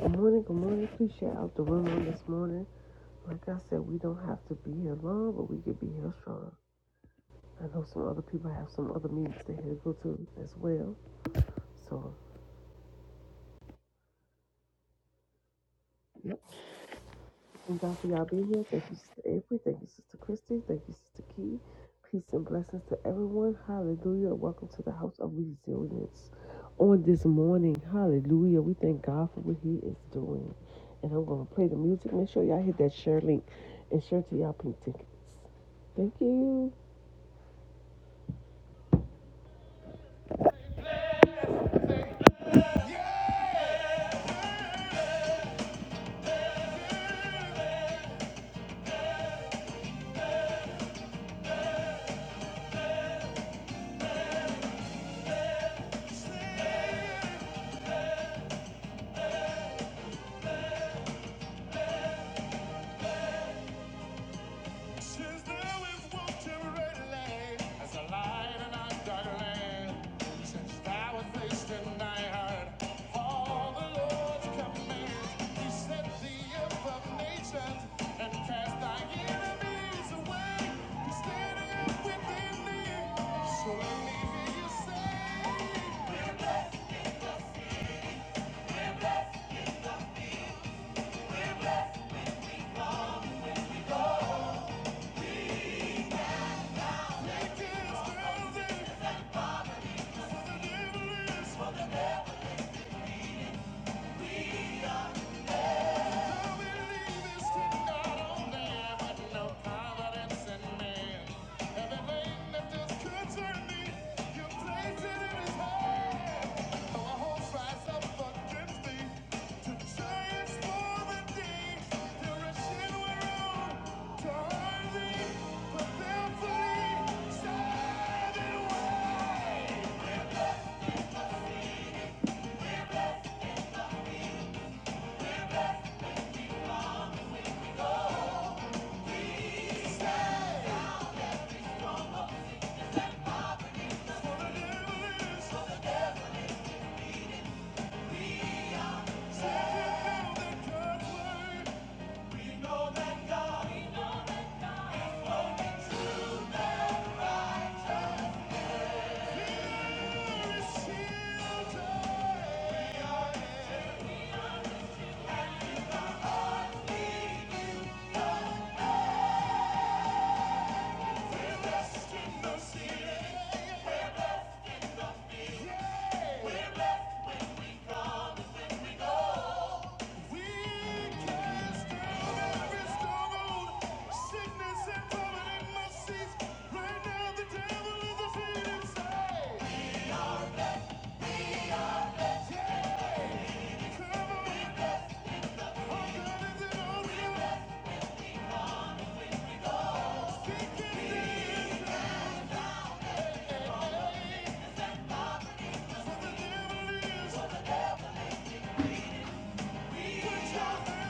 Good morning, good morning. Please share out the room on this morning. Like I said, we don't have to be here long, but we can be here strong. I know some other people have some other meetings they had to go to as well. So Thank God for y'all being here. Thank you, Sister Avery. Thank you, Sister Christy. Thank you, Sister Key. Peace and blessings to everyone. Hallelujah. Welcome to the House of Resilience on this morning. Hallelujah. We thank God for what He is doing. And I'm going to play the music. Make sure y'all hit that share link and share to y'all pink tickets. Thank you. Since there is water readily as a light in our dark land, since thou was placed in thy heart, all the Lord's commands, He set thee up of nations and cast thy enemies away, standing within thee. So let me hear you say, Wicked is rising, the devil is Save it now that God's word Put your hand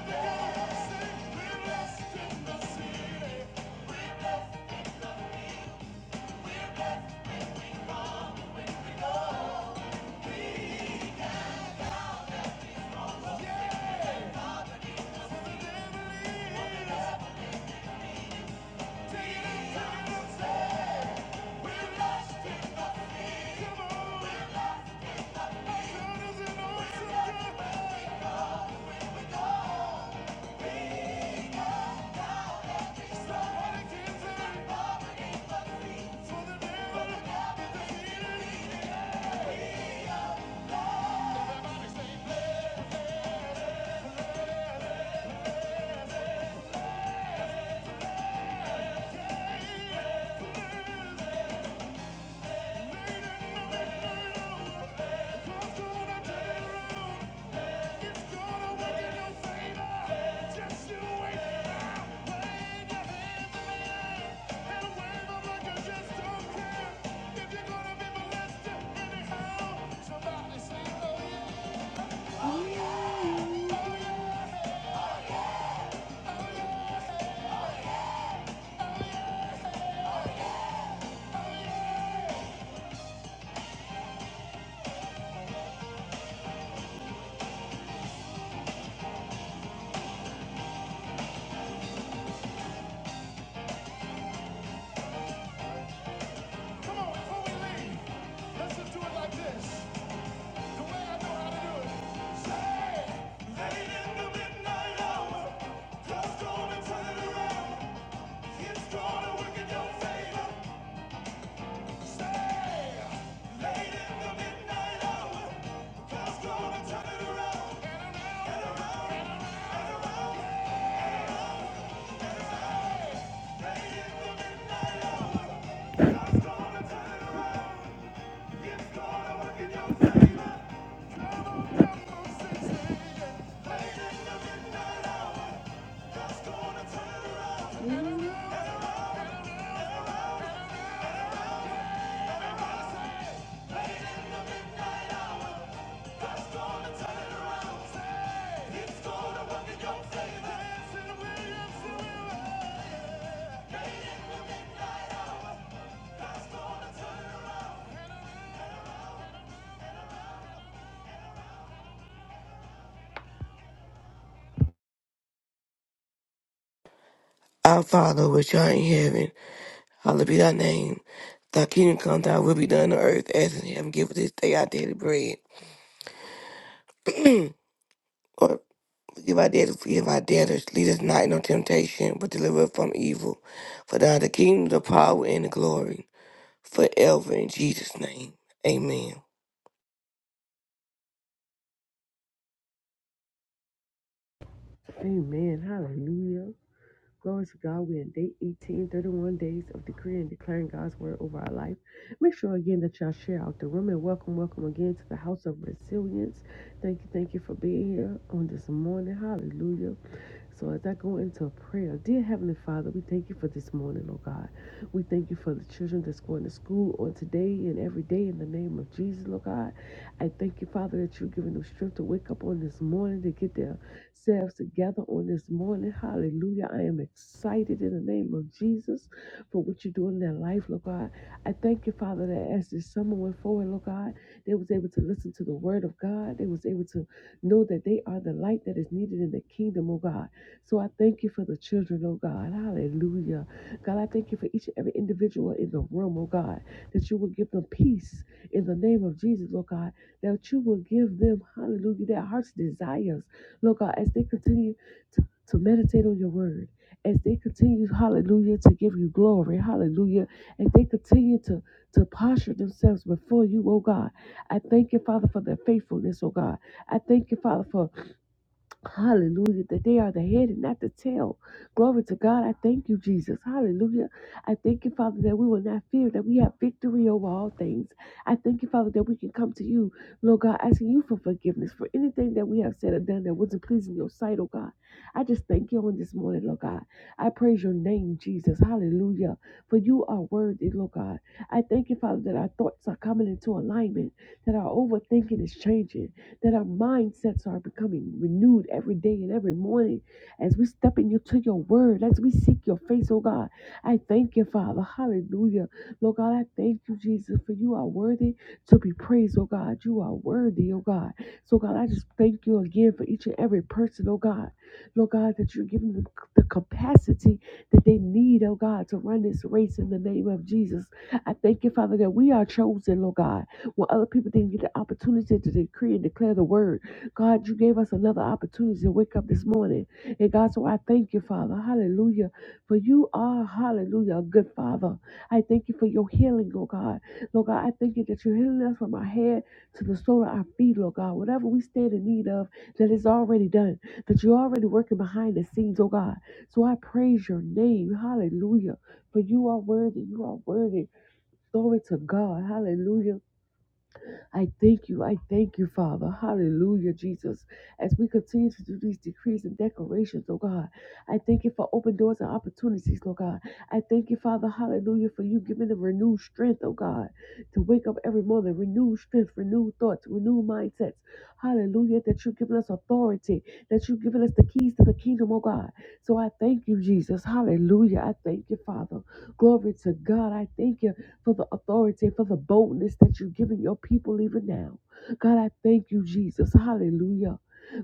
together and sing, we're lost in the city. Just you wait, I'm waiting. like "Oh, yeah." Oh, yeah. Come on, before we leave, let's do it like this. The way I know how to do it. Say, late in the midnight hour, It's gonna work in your favor. turn it around. yeah. it's gonna work in your favor. Our Father which art in heaven, hallowed be thy name. Thy kingdom come, thy will be done on earth as in heaven. Give us this day our daily bread. or forgive our debtors, forgive our debtors. Lead us not into temptation, but deliver us from evil. For thou art the kingdom, the power, and the glory, forever in Jesus' name. Amen. Amen. Hallelujah. Glory to God. We're in day 18 31 days of decree and declaring God's word over our life. Make sure again that y'all share out the room and welcome, welcome again to the house of resilience. Thank you, thank you for being here on this morning. Hallelujah. So as I go into prayer, dear Heavenly Father, we thank you for this morning, oh God. We thank you for the children that's going to school on today and every day in the name of Jesus, oh God. I thank you, Father, that you're giving them strength to wake up on this morning to get there selves together on this morning. Hallelujah. I am excited in the name of Jesus for what you're doing in their life, Lord God. I thank you, Father, that as this summer went forward, Lord God, they was able to listen to the word of God. They was able to know that they are the light that is needed in the kingdom, oh God. So I thank you for the children, oh God. Hallelujah. God, I thank you for each and every individual in the room, oh God, that you will give them peace in the name of Jesus, Lord God, that you will give them, hallelujah, their heart's desires Lord God, as they continue to, to meditate on your word, as they continue, hallelujah, to give you glory, hallelujah, as they continue to, to posture themselves before you, oh God. I thank you, Father, for their faithfulness, oh God. I thank you, Father, for Hallelujah. That they are the head and not the tail. Glory to God. I thank you, Jesus. Hallelujah. I thank you, Father, that we will not fear, that we have victory over all things. I thank you, Father, that we can come to you, Lord God, asking you for forgiveness for anything that we have said or done that wasn't pleasing your sight, oh God. I just thank you on this morning, Lord God. I praise your name, Jesus. Hallelujah. For you are worthy, Lord God. I thank you, Father, that our thoughts are coming into alignment, that our overthinking is changing that our mindsets are becoming renewed every day and every morning as we step into your word, as we seek your face, oh God. I thank you, Father. Hallelujah. Lord God, I thank you, Jesus, for you are worthy to be praised, oh God. You are worthy, oh God. So, God, I just thank you again for each and every person, oh God. Lord God, that you're giving them the capacity that they need, oh God, to run this race in the name of Jesus. I thank you, Father, that we are chosen, Lord God when other people didn't get the opportunity to decree and declare the word. God, you gave us another opportunity to wake up this morning. And God, so I thank you, Father. Hallelujah. For you are, hallelujah, a good Father. I thank you for your healing, oh God. Lord God, I thank you that you're healing us from our head to the sole of our feet, Lord God. Whatever we stand in need of, that is already done, that you're already working behind the scenes, oh God. So I praise your name. Hallelujah. For you are worthy. You are worthy. Glory to God. Hallelujah. I thank you. I thank you, Father. Hallelujah, Jesus. As we continue to do these decrees and declarations, oh God, I thank you for open doors and opportunities, oh God. I thank you, Father. Hallelujah, for you giving the renewed strength, oh God, to wake up every morning, renewed strength, renewed thoughts, renewed mindsets. Hallelujah, that you've given us authority, that you've given us the keys to the kingdom, oh God. So I thank you, Jesus. Hallelujah. I thank you, Father. Glory to God. I thank you for the authority, for the boldness that you're giving your people even now. God, I thank you, Jesus. Hallelujah.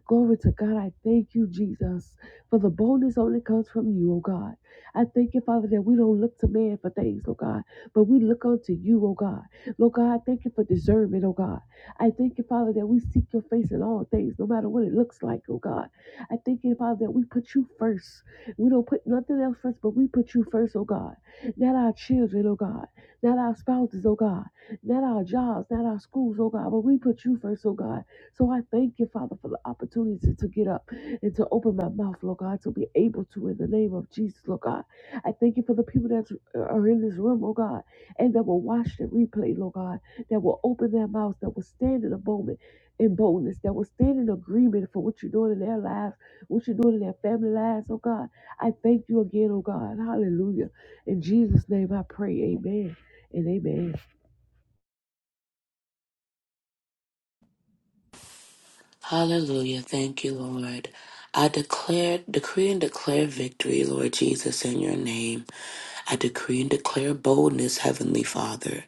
Glory to God. I thank you, Jesus, for the boldness only comes from you, oh God. I thank you, Father, that we don't look to man for things, oh God, but we look unto you, oh God. Lord God, I thank you for discernment, oh God. I thank you, Father, that we seek your face in all things, no matter what it looks like, oh God. I thank you, Father, that we put you first. We don't put nothing else first, but we put you first, oh God. Not our children, oh God not our spouses, oh God, not our jobs, not our schools, oh God, but we put you first, oh God. So I thank you, Father, for the opportunity to get up and to open my mouth, Lord God, to be able to in the name of Jesus, Lord God. I thank you for the people that are in this room, oh God, and that will watch the replay, Lord God, that will open their mouths, that will stand in a moment in boldness, that will stand in agreement for what you're doing in their lives, what you're doing in their family lives, oh God. I thank you again, oh God. Hallelujah. In Jesus' name I pray, amen. And amen. Hallelujah. Thank you, Lord. I declare, decree and declare victory, Lord Jesus, in your name. I decree and declare boldness, Heavenly Father.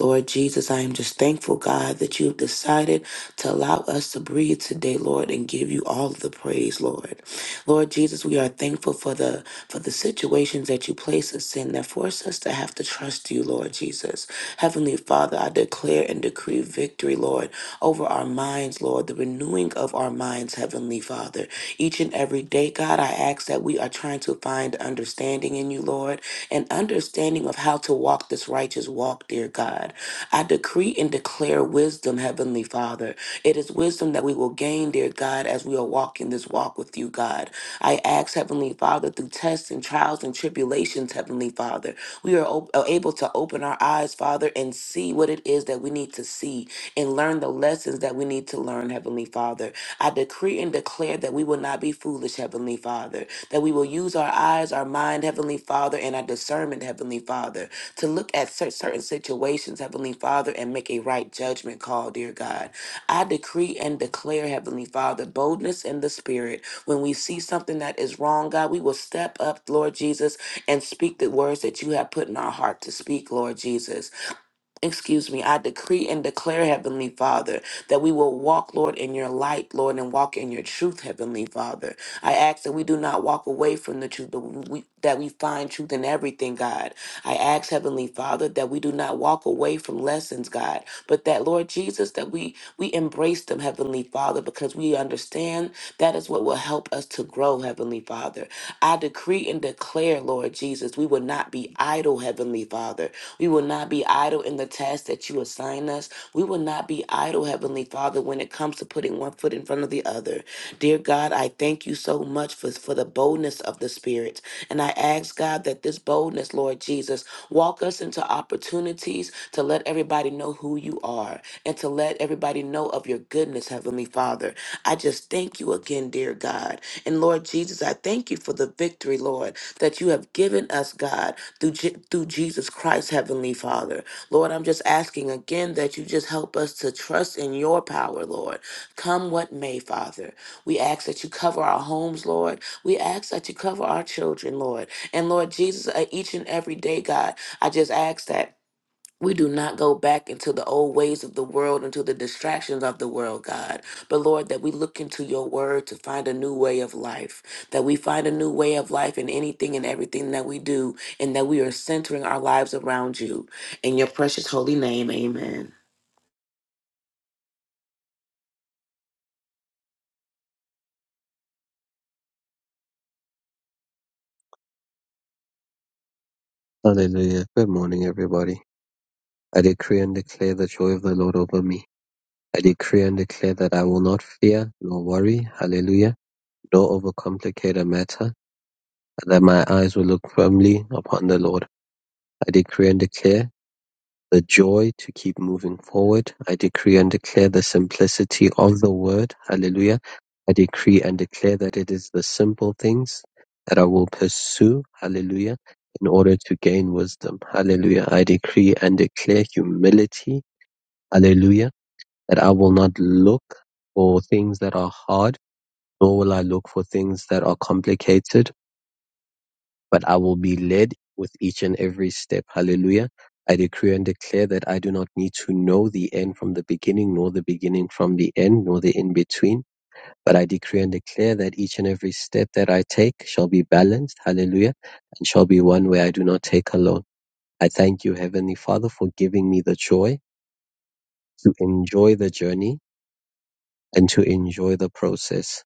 Lord Jesus, I am just thankful, God, that you have decided to allow us to breathe today, Lord, and give you all of the praise, Lord. Lord Jesus, we are thankful for the for the situations that you place us in that force us to have to trust you, Lord Jesus. Heavenly Heavenly Father, I declare and decree victory, Lord, over our minds, Lord, the renewing of our minds, Heavenly Father. Each and every day, God, I ask that we are trying to find understanding in you, Lord, and understanding of how to walk this righteous walk, dear God. I decree and declare wisdom, Heavenly Father. It is wisdom that we will gain, dear God, as we are walking this walk with you, God. I ask, Heavenly Father, through tests and trials and tribulations, Heavenly Father, we are op- are able to open our eyes, Father, and see what it is that we need to see and learn the lessons that we need to learn, Heavenly Father. I decree and declare that we will not be foolish, Heavenly Father, that we will use our eyes, our mind, Heavenly Father, and our discernment, Heavenly Father, to look at cer- certain situations, Heavenly Father, and make a right judgment call, dear God. I decree and declare, Heavenly Father, boldness in the Spirit. When we see something that is wrong, God, we will step up, Lord Jesus, and speak the words that you have put in our heart to speak, Lord Jesus excuse me, I decree and declare, Heavenly Father, that we will walk, Lord, in your light, Lord, and walk in your truth, Heavenly Father. I ask that we do not walk away from the truth, that we, that we find truth in everything, God. I ask, Heavenly Father, that we do not walk away from lessons, God, but that, Lord Jesus, that we, we embrace them, Heavenly Father, because we understand that is what will help us to grow, Heavenly Father. I decree and declare, Lord Jesus, we will not be idle, Heavenly Father we will not be idle in the task that you assign us. We will not be idle, Heavenly Father, when it comes to putting one foot in front of the other. Dear God, I thank you so much for, for the boldness of the Spirit. And I ask, God, that this boldness, Lord Jesus, walk us into opportunities to let everybody know who you are and to let everybody know of your goodness, Heavenly Father. I just thank you again, dear God. And Lord Jesus, I thank you for the victory, Lord, that you have given us, God through, Je- through Jesus Christ, Heavenly Father. Lord, I'm just asking again that you just help us to trust in your power, Lord. Come what may, Father. We ask that you cover our homes, Lord. We ask that you cover our children, Lord. And Lord Jesus, uh, each and every day, God, I just ask that we do not go back into the old ways of the world, into the distractions of the world, God. But Lord, that we look into your word to find a new way of life, that we find a new way of life in anything and everything that we do, and that we are centering our lives around you. In your precious holy name, amen. Hallelujah. Good morning, everybody. I decree and declare the joy of the Lord over me. I decree and declare that I will not fear nor worry. Hallelujah. Nor overcomplicate a matter. and That my eyes will look firmly upon the Lord. I decree and declare the joy to keep moving forward. I decree and declare the simplicity of the word. Hallelujah. I decree and declare that it is the simple things that I will pursue. Hallelujah. In order to gain wisdom. Hallelujah. I decree and declare humility. Hallelujah. That I will not look for things that are hard, nor will I look for things that are complicated but I will be led with each and every step. Hallelujah. I decree and declare that I do not need to know the end from the beginning, nor the beginning from the end, nor the in between. But I decree and declare that each and every step that I take shall be balanced. Hallelujah. And shall be one where I do not take alone. I thank you, Heavenly Father, for giving me the joy to enjoy the journey and to enjoy the process.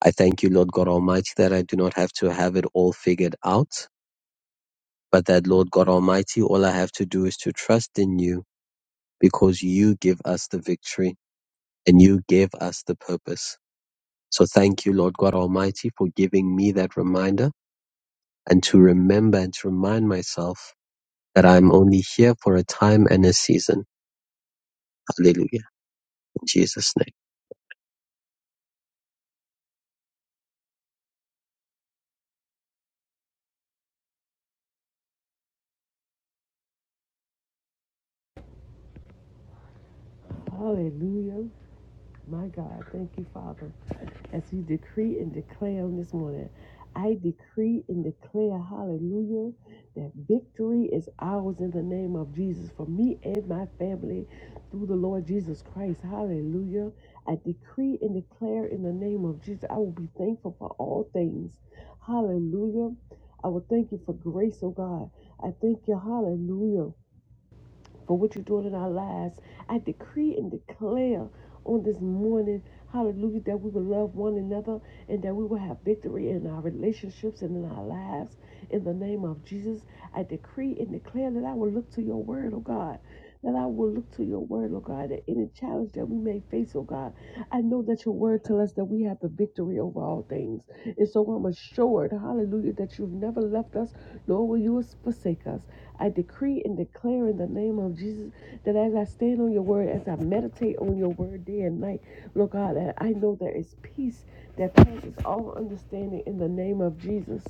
I thank you, Lord God Almighty, that I do not have to have it all figured out But that Lord God Almighty, all I have to do is to trust in you because you give us the victory and you give us the purpose. So thank you, Lord God Almighty, for giving me that reminder and to remember and to remind myself that I'm only here for a time and a season. Hallelujah. In Jesus' name. Hallelujah. My God, thank you, Father. As we decree and declare on this morning, I decree and declare, hallelujah, that victory is ours in the name of Jesus for me and my family through the Lord Jesus Christ. Hallelujah. I decree and declare in the name of Jesus, I will be thankful for all things. Hallelujah. I will thank you for grace, oh God. I thank you, hallelujah for what you're doing in our lives. I decree and declare on this morning, hallelujah, that we will love one another and that we will have victory in our relationships and in our lives. In the name of Jesus, I decree and declare that I will look to your word, oh God. That I will look to your word, oh God, that any challenge that we may face, oh God, I know that your word tells us that we have the victory over all things. And so I'm assured, hallelujah, that you've never left us, nor will you forsake us. I decree and declare in the name of Jesus that as I stand on your word, as I meditate on your word day and night, Lord God, that I know there is peace that passes all understanding in the name of Jesus.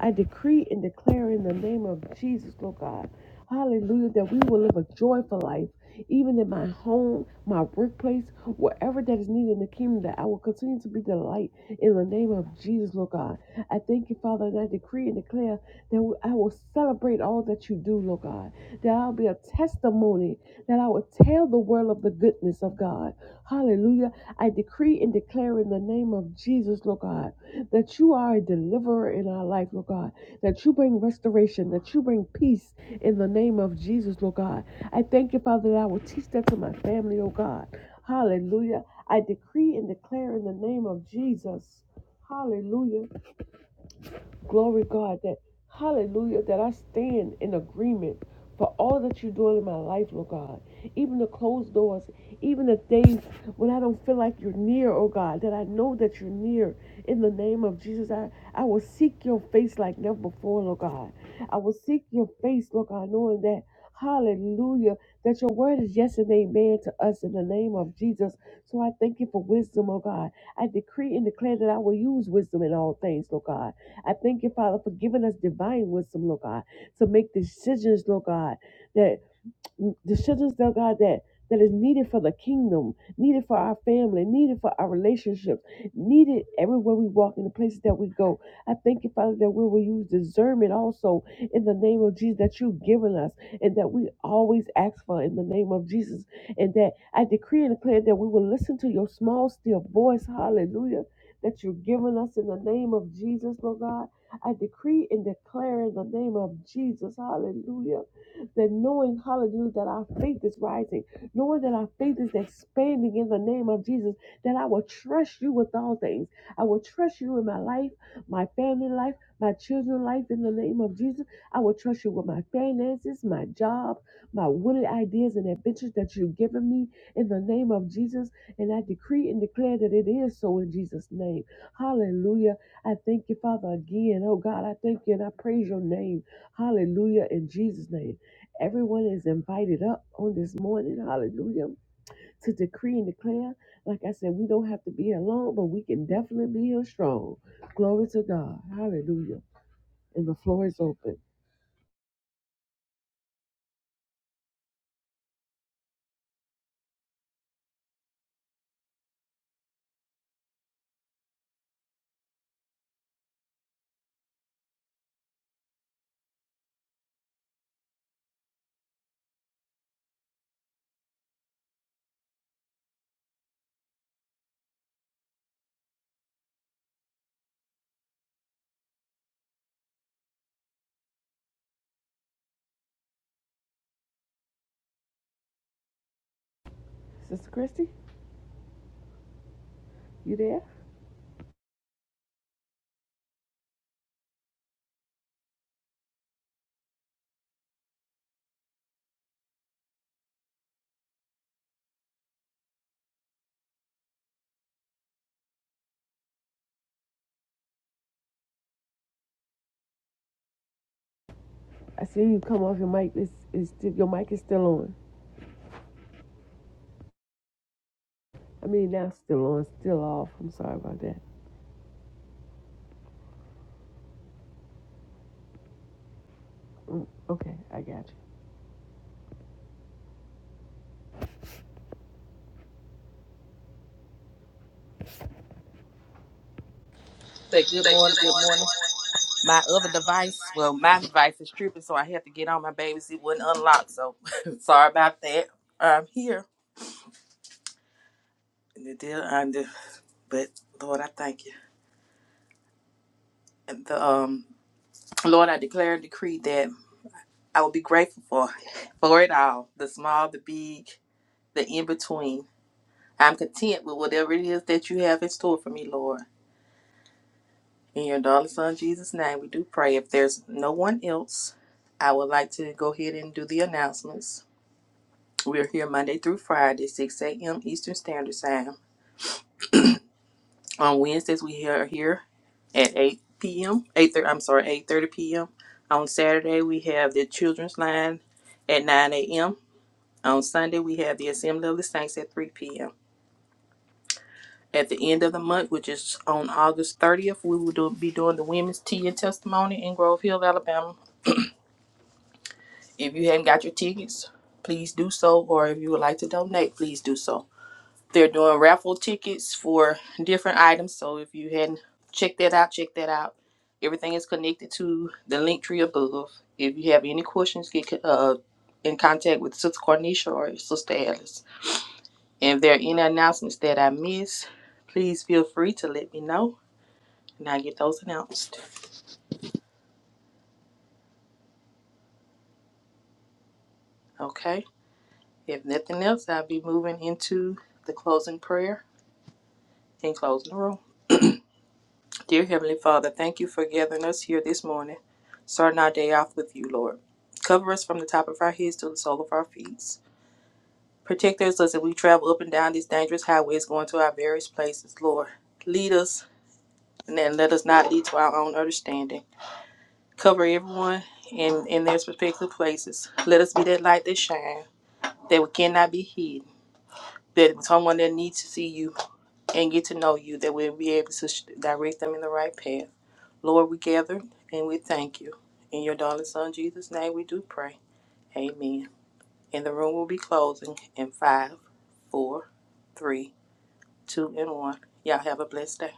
I decree and declare in the name of Jesus, Lord God, hallelujah, that we will live a joyful life even in my home, my workplace, wherever that is needed in the kingdom, that I will continue to be the light in the name of Jesus, Lord God. I thank you, Father, and I decree and declare that I will celebrate all that you do, Lord God, that I'll be a testimony, that I will tell the world of the goodness of God. Hallelujah. I decree and declare in the name of Jesus, Lord God that you are a deliverer in our life, Lord God, that you bring restoration, that you bring peace in the name of Jesus, Lord God. I thank you, Father, that I will teach that to my family, oh God. Hallelujah. I decree and declare in the name of Jesus. Hallelujah. Glory God that hallelujah that I stand in agreement for all that you're doing in my life, Lord God. Even the closed doors, even the days when I don't feel like you're near, oh God, that I know that you're near. In the name of Jesus, I, I will seek your face like never before, Lord God. I will seek your face, Lord God, knowing that, hallelujah, that your word is yes and amen to us in the name of Jesus. So I thank you for wisdom, oh God. I decree and declare that I will use wisdom in all things, Lord God. I thank you, Father, for giving us divine wisdom, Lord God, to make decisions, Lord God, that decisions, dear God, that that is needed for the kingdom, needed for our family, needed for our relationships, needed everywhere we walk in the places that we go. I thank you, Father, that we will use discernment also in the name of Jesus that you've given us and that we always ask for in the name of Jesus. And that I decree and declare that we will listen to your small, still voice, hallelujah, that you've given us in the name of Jesus, Lord God. I decree and declare in the name of Jesus, hallelujah that knowing, hallelujah, that our faith is rising, knowing that our faith is expanding in the name of Jesus, that I will trust you with all things. I will trust you in my life, my family life, my children's life in the name of Jesus. I will trust you with my finances, my job, my wooded ideas and adventures that you've given me in the name of Jesus. And I decree and declare that it is so in Jesus' name. Hallelujah. I thank you, Father, again. Oh God, I thank you and I praise your name. Hallelujah in Jesus' name. Everyone is invited up on this morning, hallelujah, to decree and declare. Like I said, we don't have to be alone, but we can definitely be here strong. Glory to God, hallelujah. And the floor is open. Sister Christy, you there? I see you come off your mic. It's, it's still, your mic is still on. I mean, now still on, still off. I'm sorry about that. Mm, okay, I got you. Say good morning, good morning. My other device, well, my device is tripping, so I had to get on my baby's. It wasn't unlocked, so sorry about that. I'm here, and it did under, but Lord, I thank you. And the um, Lord, I declare and decree that I will be grateful for for it all, the small, the big, the in between. I'm content with whatever it is that you have in store for me, Lord. In your darling son Jesus' name, we do pray. If there's no one else, I would like to go ahead and do the announcements. We are here Monday through Friday, 6 a.m. Eastern Standard Time. On Wednesdays, we are here at 8 p.m. 8:30. I'm sorry, 8:30 p.m. On Saturday, we have the Children's Line at 9 a.m. On Sunday, we have the Assembly of the Saints at 3 p.m. At the end of the month, which is on August 30th, we will do, be doing the Women's Tea and Testimony in Grove Hill, Alabama. If you haven't got your tickets, please do so, or if you would like to donate, please do so. They're doing raffle tickets for different items. So if you hadn't checked that out, check that out. Everything is connected to the link tree above. If you have any questions, get uh, in contact with Sister Cornisha or Sister Alice. And if there are any announcements that I miss, please feel free to let me know and I get those announced. Okay? If nothing else, I'll be moving into the closing prayer and closing the room. Dear Heavenly Father, thank you for gathering us here this morning, starting our day off with you, Lord. Cover us from the top of our heads to the sole of our feet. Protect us as we travel up and down these dangerous highways going to our various places, Lord. Lead us and then let us not lead to our own understanding. Cover everyone in, in their respective places. Let us be that light that shine, that we cannot be hidden, that someone that needs to see you and get to know you, that we'll be able to sh- direct them in the right path. Lord, we gather and we thank you. In your darling son Jesus' name we do pray. Amen. And the room will be closing in five, four, three, two, and one. Y'all have a blessed day.